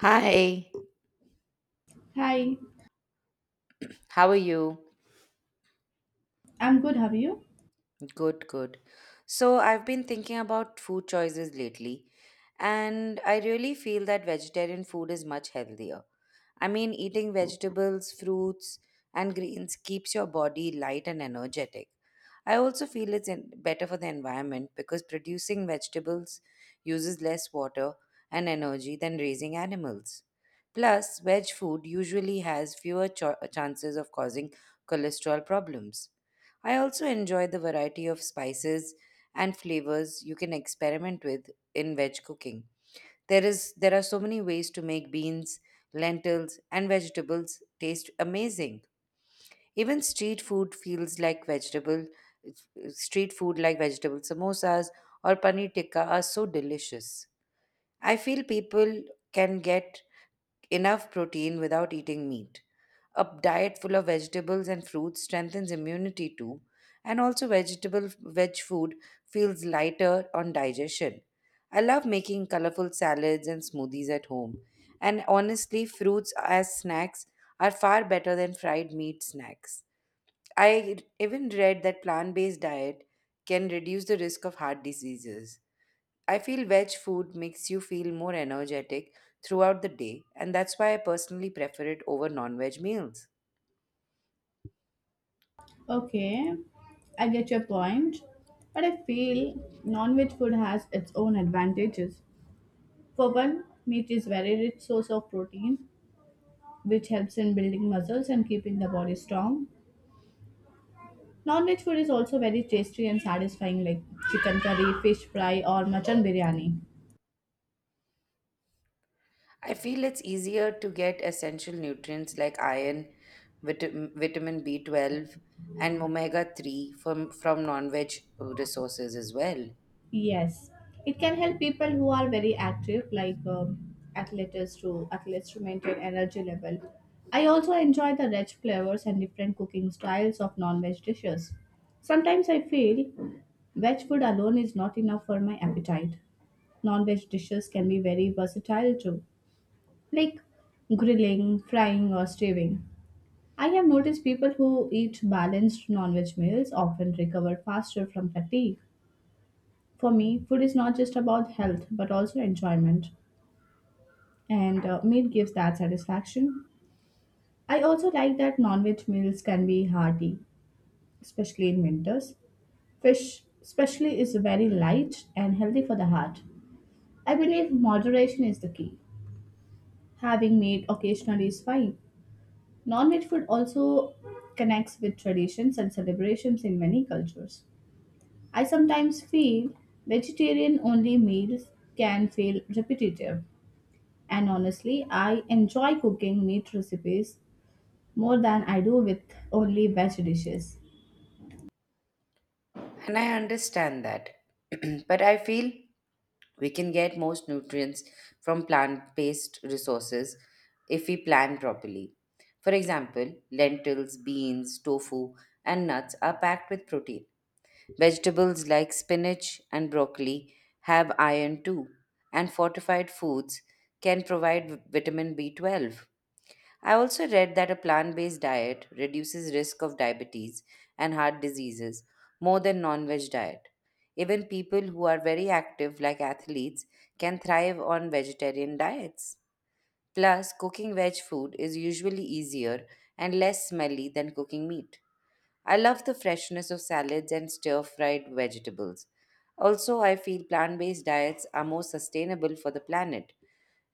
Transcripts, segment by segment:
Hi, Hi, how are you? I'm good. How are you? Good, good. So, I've been thinking about food choices lately, and I really feel that vegetarian food is much healthier. I mean, eating vegetables, fruits, and greens keeps your body light and energetic. I also feel it's better for the environment because producing vegetables uses less water and energy than raising animals. Plus, veg food usually has fewer chances of causing cholesterol problems. I also enjoy the variety of spices and flavors you can experiment with in veg cooking. There are so many ways to make beans, lentils and vegetables taste amazing. Even street food feels like vegetable street food like vegetable samosas or paneer tikka are so delicious. I feel people can get enough protein without eating meat. A diet full of vegetables and fruits strengthens immunity too, and also veg food feels lighter on digestion. I love making colorful salads and smoothies at home, and honestly, fruits as snacks are far better than fried meat snacks. I even read that plant based diet can reduce the risk of heart diseases. I feel veg food makes you feel more energetic throughout the day, and that's why I personally prefer it over non veg meals. Okay, I get your point, but I feel non-veg food has its own advantages. For one, meat is very rich source of protein, which helps in building muscles and keeping the body strong. Non-veg food is also very tasty and satisfying, like chicken curry, fish fry, or mutton biryani. I feel it's easier to get essential nutrients like iron, vitamin B12, and omega 3 from non veg resources as well. Yes, it can help people who are very active, like athletes to maintain energy level. I also enjoy the rich flavors and different cooking styles of non-veg dishes. Sometimes I feel veg food alone is not enough for my appetite. Non-veg dishes can be very versatile too, like grilling, frying, or stewing. I have noticed people who eat balanced non-veg meals often recover faster from fatigue. For me, food is not just about health but also enjoyment, and meat gives that satisfaction. I also like that non veg meals can be hearty, especially in winters. Fish, especially, is very light and healthy for the heart. I believe moderation is the key. Having meat occasionally is fine. Non veg food also connects with traditions and celebrations in many cultures. I sometimes feel vegetarian only meals can feel repetitive. And honestly, I enjoy cooking meat recipes more than I do with only veg dishes. And I understand that. But I feel we can get most nutrients from plant based resources if we plan properly. For example, lentils, beans, tofu, and nuts are packed with protein. Vegetables like spinach and broccoli have iron too, and fortified foods can provide vitamin B12. I also read that a plant based diet reduces risk of diabetes and heart diseases more than non veg diet. Even people who are very active, like athletes, can thrive on vegetarian diets. Plus, cooking veg food is usually easier and less smelly than cooking meat. I love the freshness of salads and stir fried vegetables. Also, I feel plant based diets are more sustainable for the planet.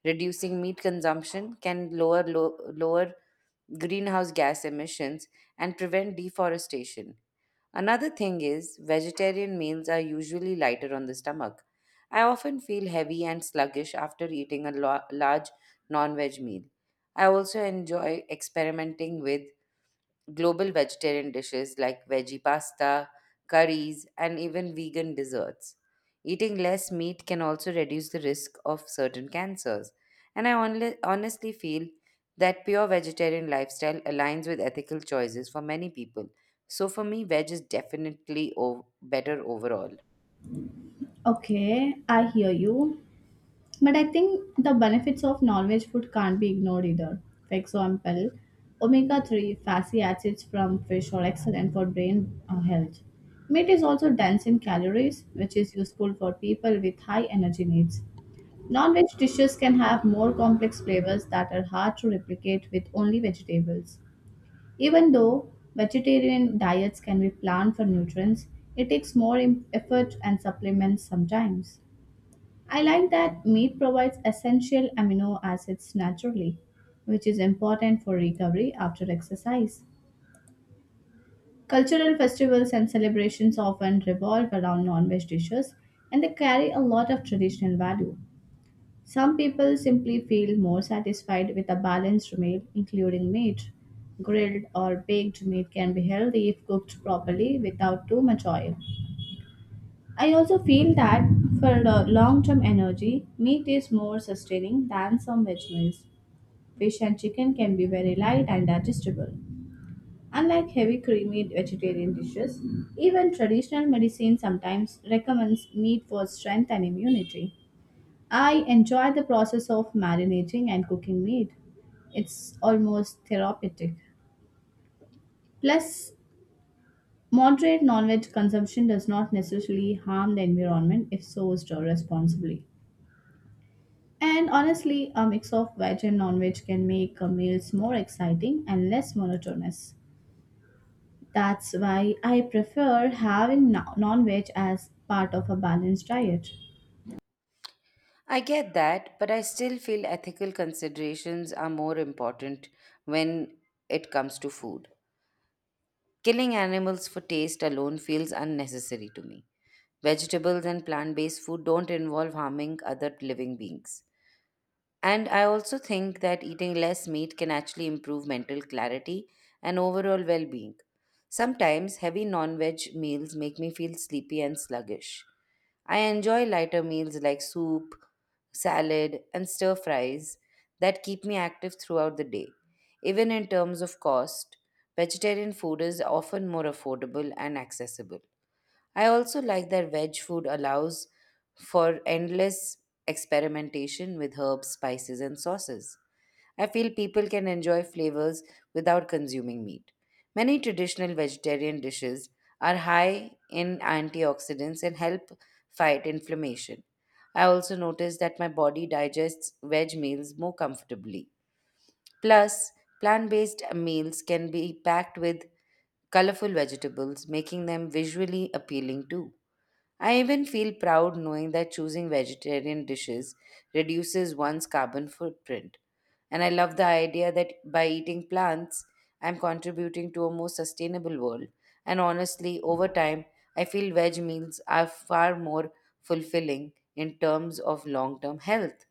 Reducing meat consumption can lower greenhouse gas emissions and prevent deforestation. Another thing is, vegetarian meals are usually lighter on the stomach. I often feel heavy and sluggish after eating a large non veg meal. I also enjoy experimenting with global vegetarian dishes like veggie pasta, curries, and even vegan desserts. Eating less meat can also reduce the risk of certain cancers. And honestly feel that pure vegetarian lifestyle aligns with ethical choices for many people. So for me, veg is definitely better overall. Okay, I hear you. But I think the benefits of non-veg food can't be ignored either. For example, omega-3 fatty acids from fish are excellent for brain health. Meat is also dense in calories, which is useful for people with high energy needs. Non-veg dishes can have more complex flavors that are hard to replicate with only vegetables. Even though vegetarian diets can be planned for nutrients, it takes more effort and supplements sometimes. I like that meat provides essential amino acids naturally, which is important for recovery after exercise. Cultural festivals and celebrations often revolve around non veg dishes and they carry a lot of traditional value. Some people simply feel more satisfied with a balanced meal, including meat. Grilled or baked meat can be healthy if cooked properly without too much oil. I also feel that for long term energy, meat is more sustaining than some veg meals. Fish and chicken can be very light and digestible. Unlike heavy creamy vegetarian dishes, even traditional medicine sometimes recommends meat for strength and immunity. I enjoy the process of marinating and cooking meat. It's almost therapeutic. Plus, moderate non-veg consumption does not necessarily harm the environment if sourced or responsibly. And honestly, a mix of veg and non-veg can make meals more exciting and less monotonous. That's why I prefer having non-veg as part of a balanced diet. I get that, but I still feel ethical considerations are more important when it comes to food. Killing animals for taste alone feels unnecessary to me. Vegetables and plant based food don't involve harming other living beings. And I also think that eating less meat can actually improve mental clarity and overall well being. Sometimes heavy non veg meals make me feel sleepy and sluggish. I enjoy lighter meals like soup, salad, and stir fries that keep me active throughout the day. Even in terms of cost, vegetarian food is often more affordable and accessible. I also like that veg food allows for endless experimentation with herbs, spices, and sauces. I feel people can enjoy flavors without consuming meat. Many traditional vegetarian dishes are high in antioxidants and help fight inflammation. I also notice that my body digests veg meals more comfortably. Plus, plant based meals can be packed with colorful vegetables, making them visually appealing too. I even feel proud knowing that choosing vegetarian dishes reduces one's carbon footprint. And I love the idea that by eating plants, I'm contributing to a more sustainable world. And honestly, over time, I feel veg meals are far more fulfilling in terms of long term health.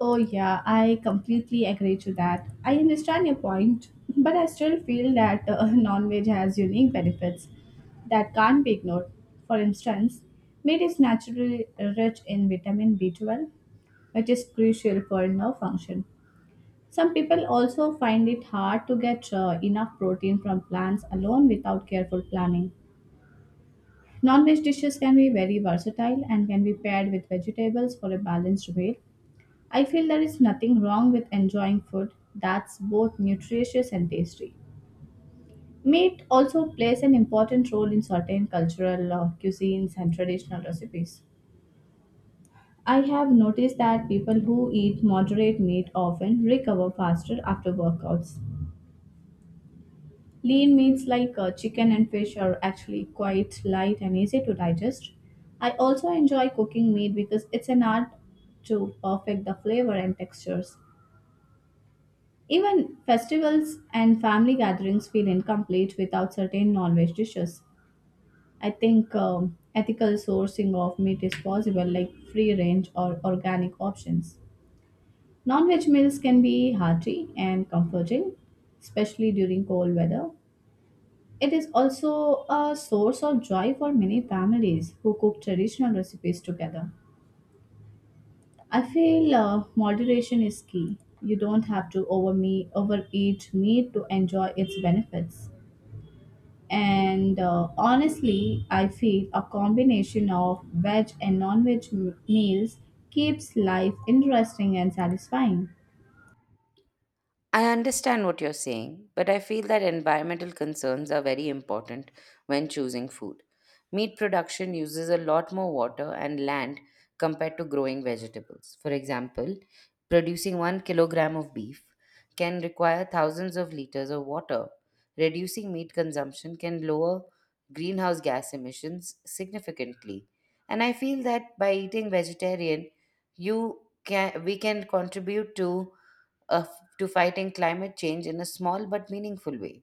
Oh, yeah, I completely agree to that. I understand your point, but I still feel that non veg has unique benefits that can't be ignored. For instance, meat is naturally rich in vitamin B12, which is crucial for nerve function. Some people also find it hard to get enough protein from plants alone without careful planning. Non veg dishes can be very versatile and can be paired with vegetables for a balanced meal. I feel there is nothing wrong with enjoying food that's both nutritious and tasty. Meat also plays an important role in certain cultural cuisines and traditional recipes. I have noticed that people who eat moderate meat often recover faster after workouts. Lean meats like chicken and fish are actually quite light and easy to digest. I also enjoy cooking meat because it's an art to perfect the flavor and textures. Even festivals and family gatherings feel incomplete without certain non-veg dishes. I think ethical sourcing of meat is possible, like free range or organic options. Non-veg meals can be hearty and comforting, especially during cold weather. It is also a source of joy for many families who cook traditional recipes together. I feel moderation is key. You don't have to overeat meat to enjoy its benefits. And honestly, I feel a combination of veg and non veg meals keeps life interesting and satisfying. I understand what you're saying, but I feel that environmental concerns are very important when choosing food. Meat production uses a lot more water and land compared to growing vegetables. For example, producing 1 kilogram of beef can require thousands of liters of water. Reducing meat consumption can lower greenhouse gas emissions significantly. And I feel that by eating vegetarian, you can we can contribute of, to fighting climate change in a small but meaningful way.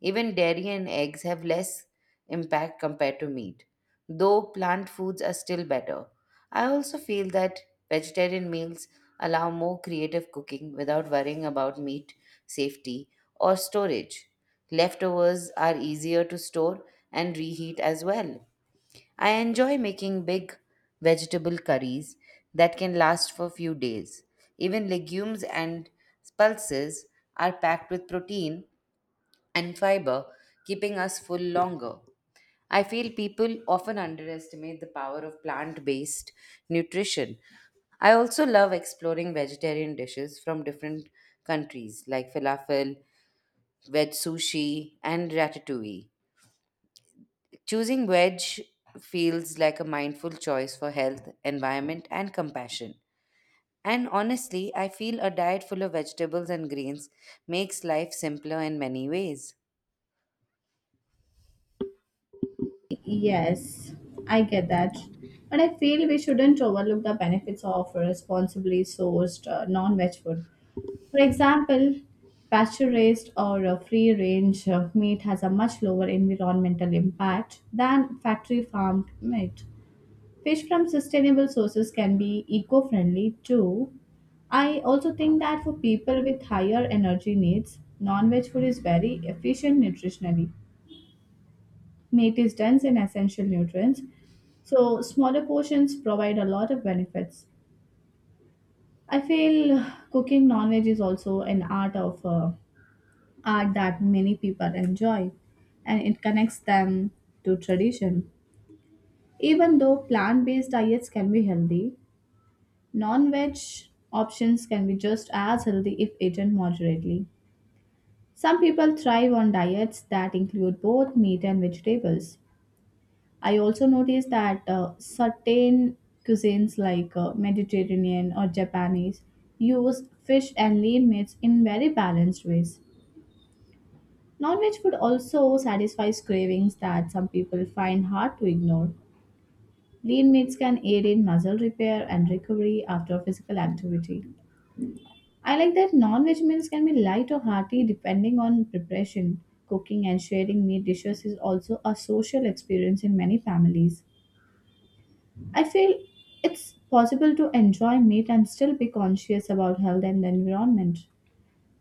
Even dairy and eggs have less impact compared to meat, though plant foods are still better. I also feel that vegetarian meals allow more creative cooking without worrying about meat safety or storage. Leftovers are easier to store and reheat as well. I enjoy making big vegetable curries that can last for few days. Even legumes and pulses are packed with protein and fiber, keeping us full longer. I feel people often underestimate the power of plant based nutrition. I also love exploring vegetarian dishes from different countries like falafel, veg sushi, and ratatouille. Choosing wedge feels like a mindful choice for health, environment, and compassion. And honestly, I feel a diet full of vegetables and greens makes life simpler in many ways. Yes, I get that. But I feel we shouldn't overlook the benefits of responsibly sourced non veg food. For example, pasture raised or free range meat has a much lower environmental impact than factory farmed meat. Fish from sustainable sources can be eco friendly too. I also think that for people with higher energy needs, non veg food is very efficient nutritionally. Meat is dense in essential nutrients, so smaller portions provide a lot of benefits. I feel cooking non veg is also an art that many people enjoy and it connects them to tradition. Even though plant based diets can be healthy, non-veg options can be just as healthy if eaten moderately. Some people thrive on diets that include both meat and vegetables. I also noticed that certain cuisines like Mediterranean or Japanese use fish and lean meats in very balanced ways. Non-veg food also satisfies cravings that some people find hard to ignore. Lean meats can aid in muscle repair and recovery after physical activity. I like that non veg meals can be light or hearty depending on preparation. Cooking and sharing meat dishes is also a social experience in many families. I feel it's possible to enjoy meat and still be conscious about health and the environment.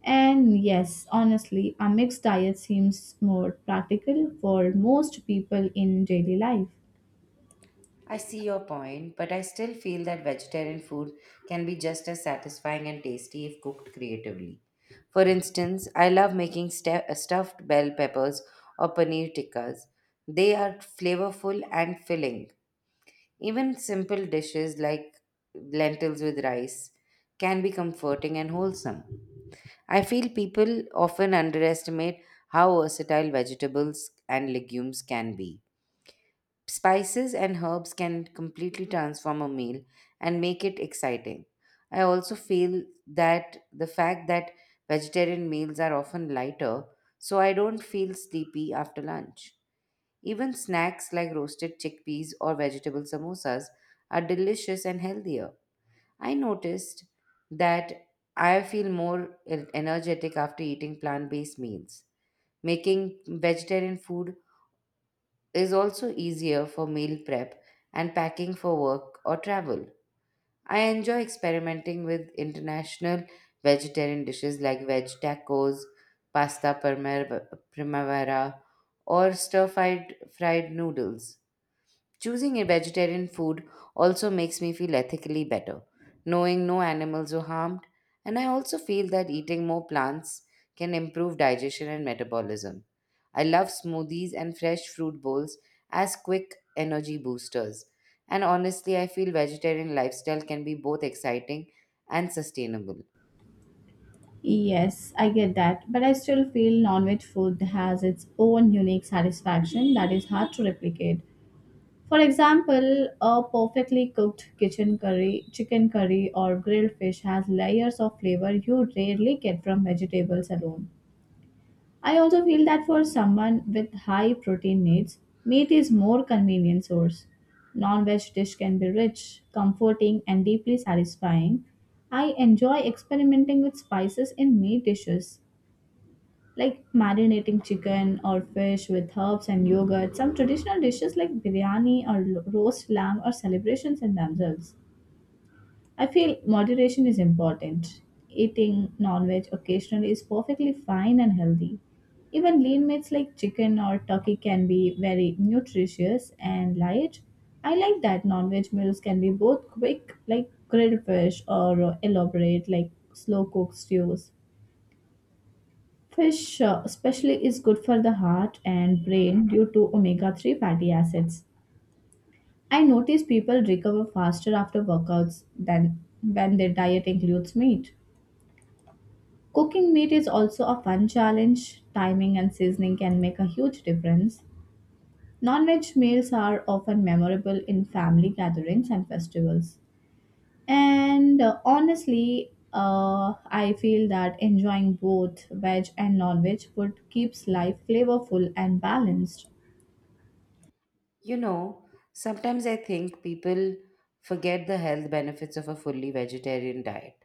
And yes, honestly, a mixed diet seems more practical for most people in daily life. I see your point, but I still feel that vegetarian food can be just as satisfying and tasty if cooked creatively. For instance, I love making stuffed bell peppers or paneer tikkas. They are flavorful and filling. Even simple dishes like lentils with rice can be comforting and wholesome. I feel people often underestimate how versatile vegetables and legumes can be. Spices and herbs can completely transform a meal and make it exciting. I also feel that the fact that vegetarian meals are often lighter, so I don't feel sleepy after lunch. Even snacks like roasted chickpeas or vegetable samosas are delicious and healthier. I noticed that I feel more energetic after eating plant based meals. Making vegetarian food is also easier for meal prep and packing for work or travel. I enjoy experimenting with international vegetarian dishes like veg tacos, primavera, or stir fried fried noodles. Choosing a vegetarian food also makes me feel ethically better, knowing no animals were harmed, and I also feel that eating more plants can improve digestion and metabolism. I love smoothies and fresh fruit bowls as quick energy boosters. And honestly, I feel vegetarian lifestyle can be both exciting and sustainable. Yes, I get that, but I still feel non veg food has its own unique satisfaction that is hard to replicate. For example, a perfectly cooked chicken curry, or grilled fish has layers of flavor you rarely get from vegetables alone. I also feel that for someone with high protein needs, meat is more convenient source. Non-veg dish can be rich, comforting, and deeply satisfying. I enjoy experimenting with spices in meat dishes like marinating chicken or fish with herbs and yogurt. Some traditional dishes like biryani or roast lamb are celebrations in themselves. I feel moderation is important. Eating non veg occasionally is perfectly fine and healthy. Even lean meats like chicken or turkey can be very nutritious and light. I like that non veg meals can be both quick, like grilled fish, or elaborate, like slow cooked stews. Fish, especially, is good for the heart and brain due to omega 3 fatty acids. I notice people recover faster after workouts than when their diet includes meat. Cooking meat is also a fun challenge. Timing and seasoning can make a huge difference. Non veg meals are often memorable in family gatherings and festivals. And honestly, I feel that enjoying both veg and non-veg food keeps life flavorful and balanced. You know, sometimes I think people forget the health benefits of a fully vegetarian diet.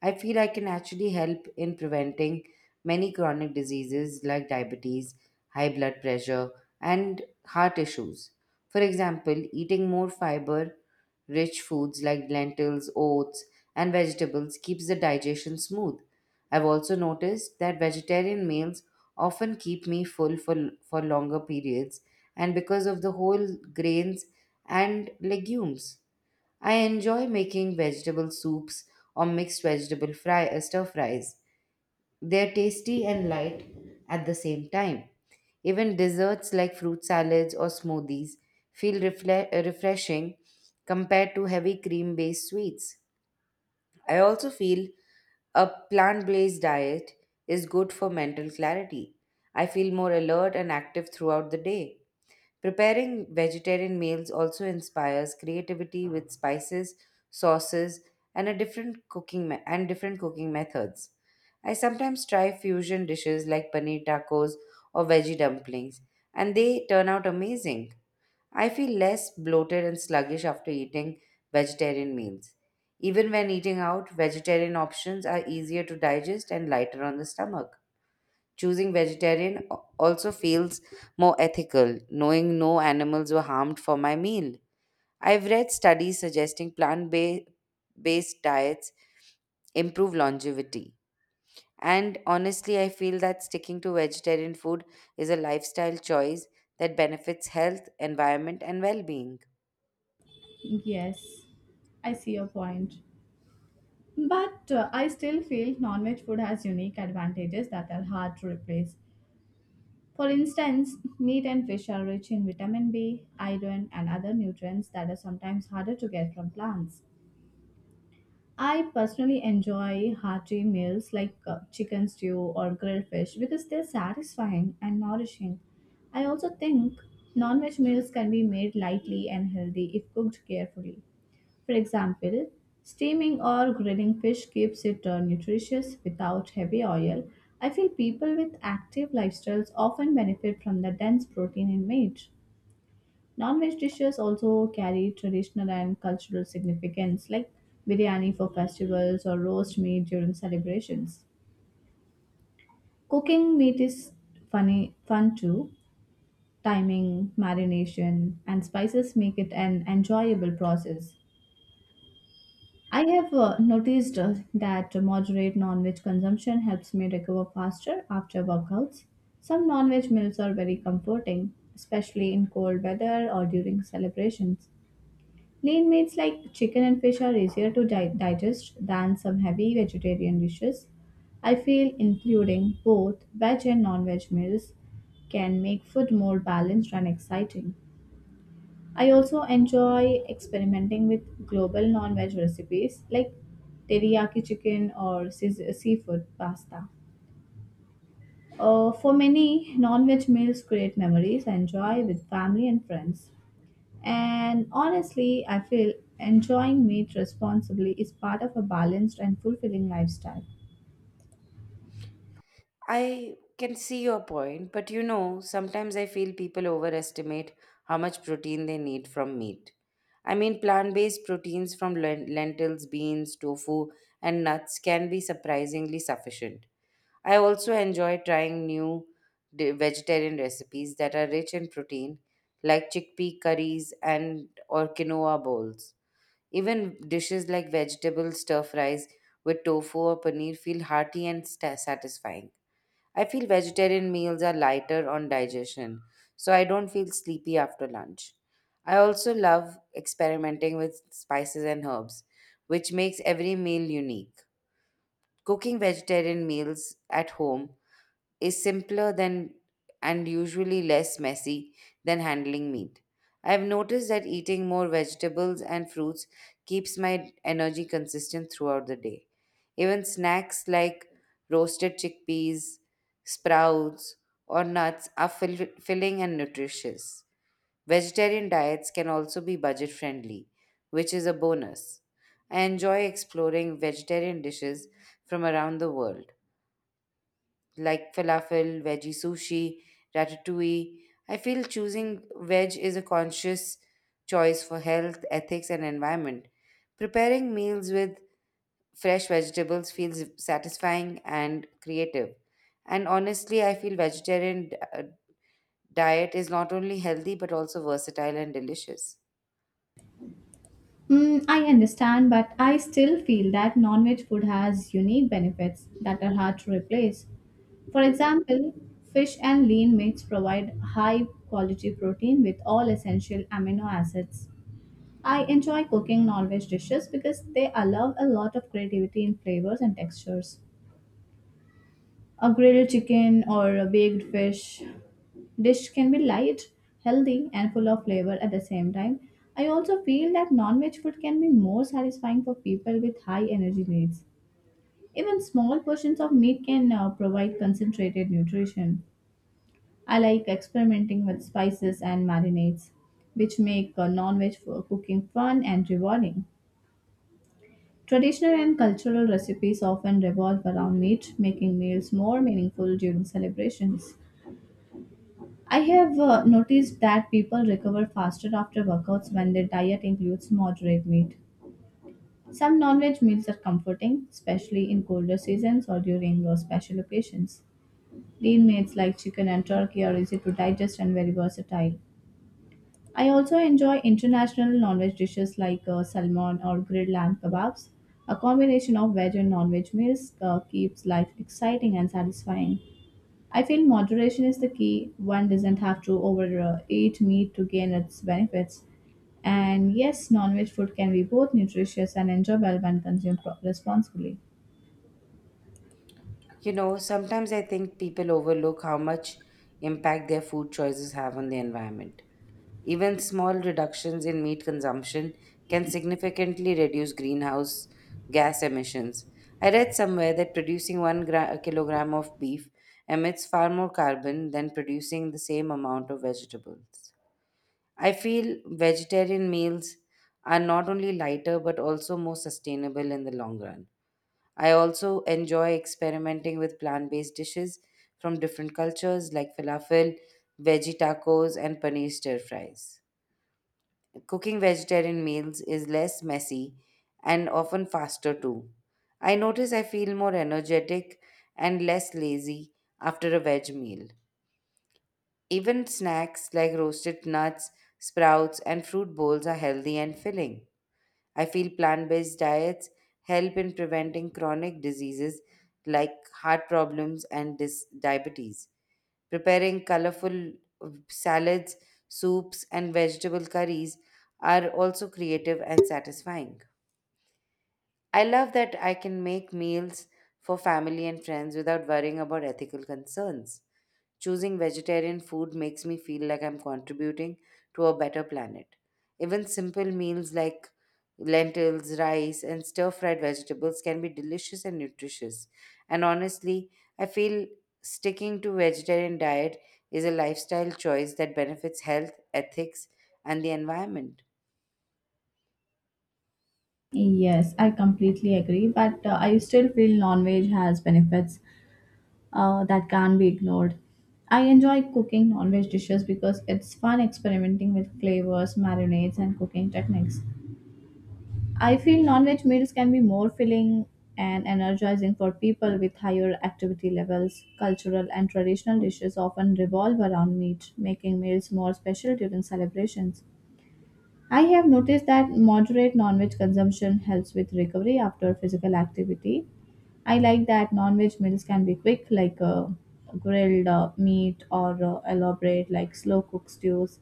I feel I can actually help in preventing many chronic diseases like diabetes, high blood pressure, and heart issues. For example, eating more fiber rich foods like lentils, oats, and vegetables keeps the digestion smooth. I've also noticed that vegetarian meals often keep me full for longer periods and because of the whole grains and legumes. I enjoy making vegetable soups or mixed stir fries. They're tasty and light at the same time. Even desserts like fruit salads or smoothies feel refreshing compared to heavy cream based sweets. I also feel a plant based diet is good for mental clarity. I feel more alert and active throughout the day. Preparing vegetarian meals also inspires creativity with spices, sauces, and a different cooking me- and different cooking methods. I sometimes try fusion dishes like paneer tacos or veggie dumplings, and they turn out amazing. I feel less bloated and sluggish after eating vegetarian meals. Even when eating out, vegetarian options are easier to digest and lighter on the stomach. Choosing vegetarian also feels more ethical, knowing no animals were harmed for my meal. I've read studies suggesting plant based diets improve longevity. And honestly, I feel that sticking to vegetarian food is a lifestyle choice that benefits health, environment, and well being. Yes, I see your point. But I still feel non-veg food has unique advantages that are hard to replace. For instance, meat and fish are rich in vitamin B, iron, and other nutrients that are sometimes harder to get from plants. I personally enjoy hearty meals like chicken stew or grilled fish because they're satisfying and nourishing. I also think non veg meals can be made lightly and healthy if cooked carefully. For example, steaming or grilling fish keeps it nutritious without heavy oil. I feel people with active lifestyles often benefit from the dense protein in meat. Non-veg dishes also carry traditional and cultural significance, like biryani for festivals or roast meat during celebrations. Cooking meat is fun too. Timing, marination, and spices make it an enjoyable process. I have noticed that moderate non-veg consumption helps me recover faster after workouts. Some non-veg meals are very comforting, especially in cold weather or during celebrations. Lean meats like chicken and fish are easier to digest than some heavy vegetarian dishes. I feel including both veg and non veg meals can make food more balanced and exciting. I also enjoy experimenting with global non veg recipes like teriyaki chicken or seafood pasta. For many, non veg meals create memories and joy with family and friends. And honestly, I feel enjoying meat responsibly is part of a balanced and fulfilling lifestyle. I can see your point, but you know, sometimes I feel people overestimate how much protein they need from meat. I mean, plant based proteins from lentils, beans, tofu, and nuts can be surprisingly sufficient. I also enjoy trying new vegetarian recipes that are rich in protein, like chickpea curries and or quinoa bowls. Even dishes like vegetable stir fries with tofu or paneer feel hearty and sta satisfying. I feel vegetarian meals are lighter on digestion, so I don't feel sleepy after lunch. I also love experimenting with spices and herbs, which makes every meal unique. Cooking vegetarian meals at home is simpler than and usually less messy than handling meat. I've noticed that eating more vegetables and fruits keeps my energy consistent throughout the day. Even snacks like roasted chickpeas, sprouts, or nuts are filling and nutritious. Vegetarian diets can also be budget friendly, which is a bonus. I enjoy exploring vegetarian dishes from around the world like falafel, veggie sushi, ratatouille. I feel choosing veg is a conscious choice for health, ethics, and environment. Preparing meals with fresh vegetables feels satisfying and creative. And honestly, I feel vegetarian uh, diet is not only healthy but also versatile and delicious. Mm, I understand, but I still feel that non veg food has unique benefits that are hard to replace. For example, fish and lean meats provide high quality protein with all essential amino acids. I enjoy cooking non veg dishes because they allow a lot of creativity in flavors and textures. A grilled chicken or a baked fish dish can be light, healthy, and full of flavor at the same time. I also feel that non veg food can be more satisfying for people with high energy needs. Even small portions of meat can provide concentrated nutrition. I like experimenting with spices and marinades, which make non veg cooking fun and rewarding. Traditional and cultural recipes often revolve around meat, making meals more meaningful during celebrations. I have noticed that people recover faster after workouts when their diet includes moderate meat. Some non veg meals are comforting, especially in colder seasons or during special occasions. Lean meats like chicken and turkey are easy to digest and very versatile. I also enjoy international non veg dishes like salmon or grilled lamb kebabs. A combination of veg and non veg meals keeps life exciting and satisfying. I feel moderation is the key. One doesn't have to overeat meat to gain its benefits. And yes, non veg food can be both nutritious and enjoyable when consumed responsibly. You know, sometimes I think people overlook how much impact their food choices have on the environment. Even small reductions in meat consumption can significantly reduce greenhouse gas emissions. I read somewhere that producing kilogram of beef emits far more carbon than producing the same amount of vegetables. I feel vegetarian meals are not only lighter but also more sustainable in the long run. I also enjoy experimenting with plant based dishes from different cultures like falafel, veggie tacos, and paneer stir fries. Cooking vegetarian meals is less messy and often faster too. I notice I feel more energetic and less lazy after a veg meal. Even snacks like roasted nuts, sprouts, and fruit bowls are healthy and filling. I feel plant based diets help in preventing chronic diseases like heart problems and diabetes. Preparing colorful salads, soups, and vegetable curries are also creative and satisfying. I love that I can make meals for family and friends without worrying about ethical concerns. Choosing vegetarian food makes me feel like I'm contributing to a better planet. Even simple meals like lentils, rice, and stir fried vegetables can be delicious and nutritious. And honestly, I feel sticking to vegetarian diet is a lifestyle choice that benefits health, ethics, and the environment. Yes, I completely agree, but I still feel non veg has benefits that can't be ignored. I enjoy cooking non veg dishes because it's fun experimenting with flavors, marinades, and cooking techniques. I feel non-veg meals can be more filling and energizing for people with higher activity levels. Cultural and traditional dishes often revolve around meat, making meals more special during celebrations. I have noticed that moderate non-veg consumption helps with recovery after physical activity. I like that non-veg meals can be quick, like grilled meat or elaborate, like slow cooked stews.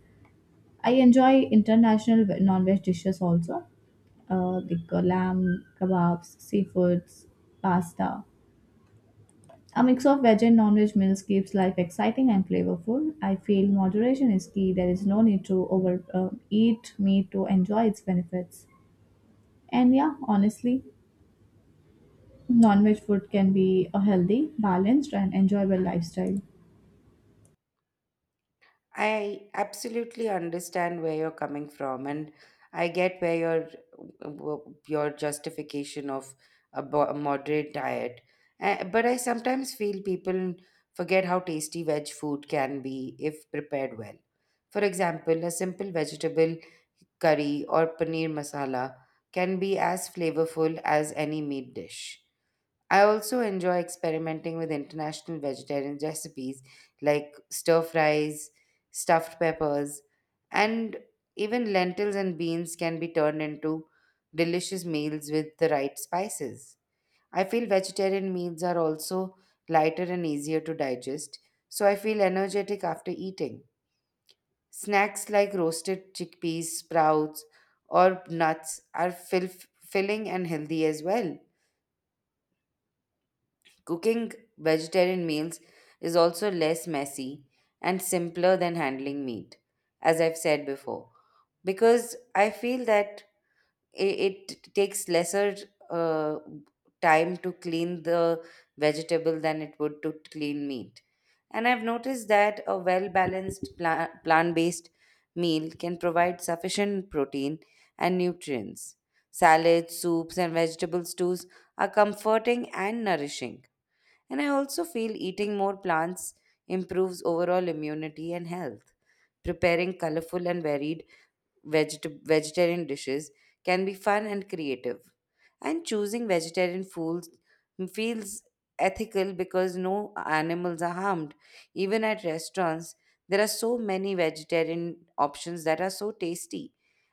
I enjoy international non-veg dishes also the lamb kebabs, seafoods, pasta. A mix of veg and non-veg meals keeps life exciting and flavorful. I feel moderation is key. There is no need to over eat meat to enjoy its benefits. And yeah, honestly, non-veg food can be a healthy, balanced, and enjoyable lifestyle. I absolutely understand where you're coming from, and I get where your your justification of a moderate diet. But I sometimes feel people forget how tasty veg food can be if prepared well. For example, a simple vegetable curry or paneer masala can be as flavorful as any meat dish. I also enjoy experimenting with international vegetarian recipes like stir fries, stuffed peppers, and even lentils and beans can be turned into delicious meals with the right spices. I feel vegetarian meals are also lighter and easier to digest, so I feel energetic after eating. Snacks like roasted chickpeas, sprouts, or nuts are filling and healthy as well. Cooking vegetarian meals is also less messy and simpler than handling meat, as I've said before, because I feel that it takes lesser uh, time to clean the vegetable than it would to clean meat. And I've noticed that a well balanced plant based meal can provide sufficient protein and nutrients. Salads, soups, and vegetable stews are comforting and nourishing and I also feel eating more plants improves overall immunity and health. Preparing colorful and varied vegetarian dishes can be fun and creative. And choosing vegetarian foods feels ethical because no animals are harmed. Even at restaurants, there are so many vegetarian options that are so tasty.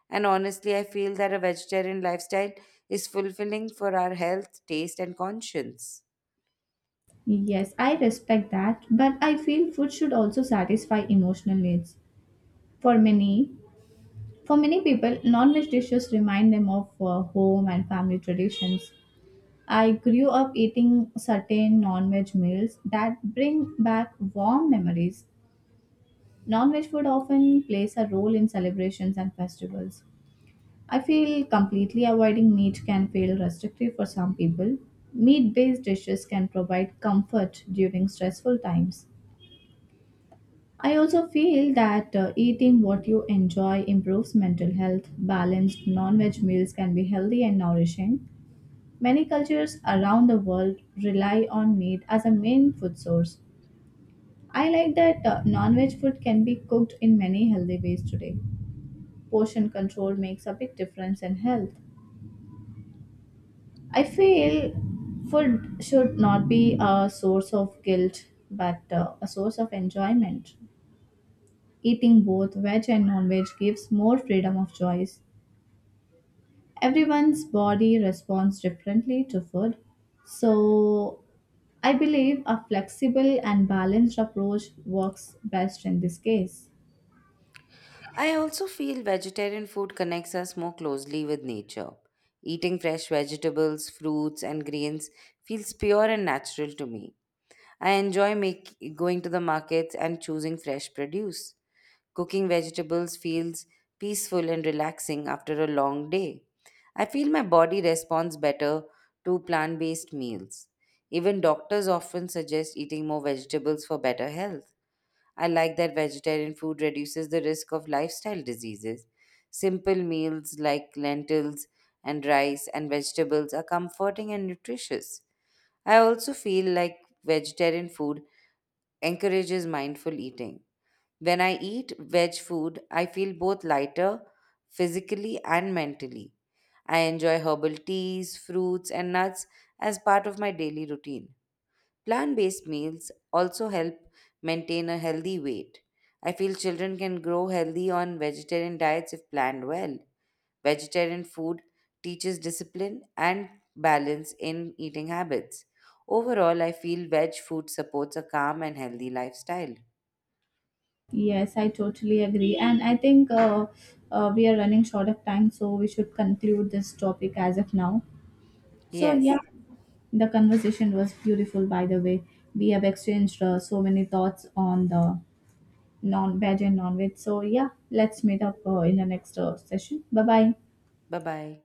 And honestly, I feel that a vegetarian lifestyle is fulfilling for our health, taste, and conscience. Yes, I respect that, but I feel food should also satisfy emotional needs. For many, For many people, non-veg dishes remind them of home and family traditions. I grew up eating certain non-veg meals that bring back warm memories. Non-veg food often plays a role in celebrations and festivals. I feel completely avoiding meat can feel restrictive for some people. Meat-based dishes can provide comfort during stressful times. I also feel that eating what you enjoy improves mental health. Balanced non veg meals can be healthy and nourishing. Many cultures around the world rely on meat as a main food source. I like that non veg food can be cooked in many healthy ways today. Portion control makes a big difference in health. I feel food should not be a source of guilt but a source of enjoyment. Eating both veg and non-veg gives more freedom of choice. Everyone's body responds differently to food, so I believe a flexible and balanced approach works best in this case. I also feel vegetarian food connects us more closely with nature. Eating fresh vegetables, fruits, and greens feels pure and natural to me. I enjoy going to the markets and choosing fresh produce. Cooking vegetables feels peaceful and relaxing after a long day. I feel my body responds better to plant based meals. Even doctors often suggest eating more vegetables for better health. I like that vegetarian food reduces the risk of lifestyle diseases. Simple meals like lentils and rice and vegetables are comforting and nutritious. I also feel like vegetarian food encourages mindful eating. When I eat veg food, I feel both lighter physically and mentally. I enjoy herbal teas, fruits, and nuts as part of my daily routine. Plant based meals also help maintain a healthy weight. I feel children can grow healthy on vegetarian diets if planned well. Vegetarian food teaches discipline and balance in eating habits. Overall, I feel veg food supports a calm and healthy lifestyle. Yes, I totally agree. And I think we are running short of time, so we should conclude this topic as of now. So, yeah, Yes. the conversation was beautiful, by the way. We have exchanged so many thoughts on the non-veg and non-veg. So yeah, let's meet up in the next session. Bye bye. Bye bye.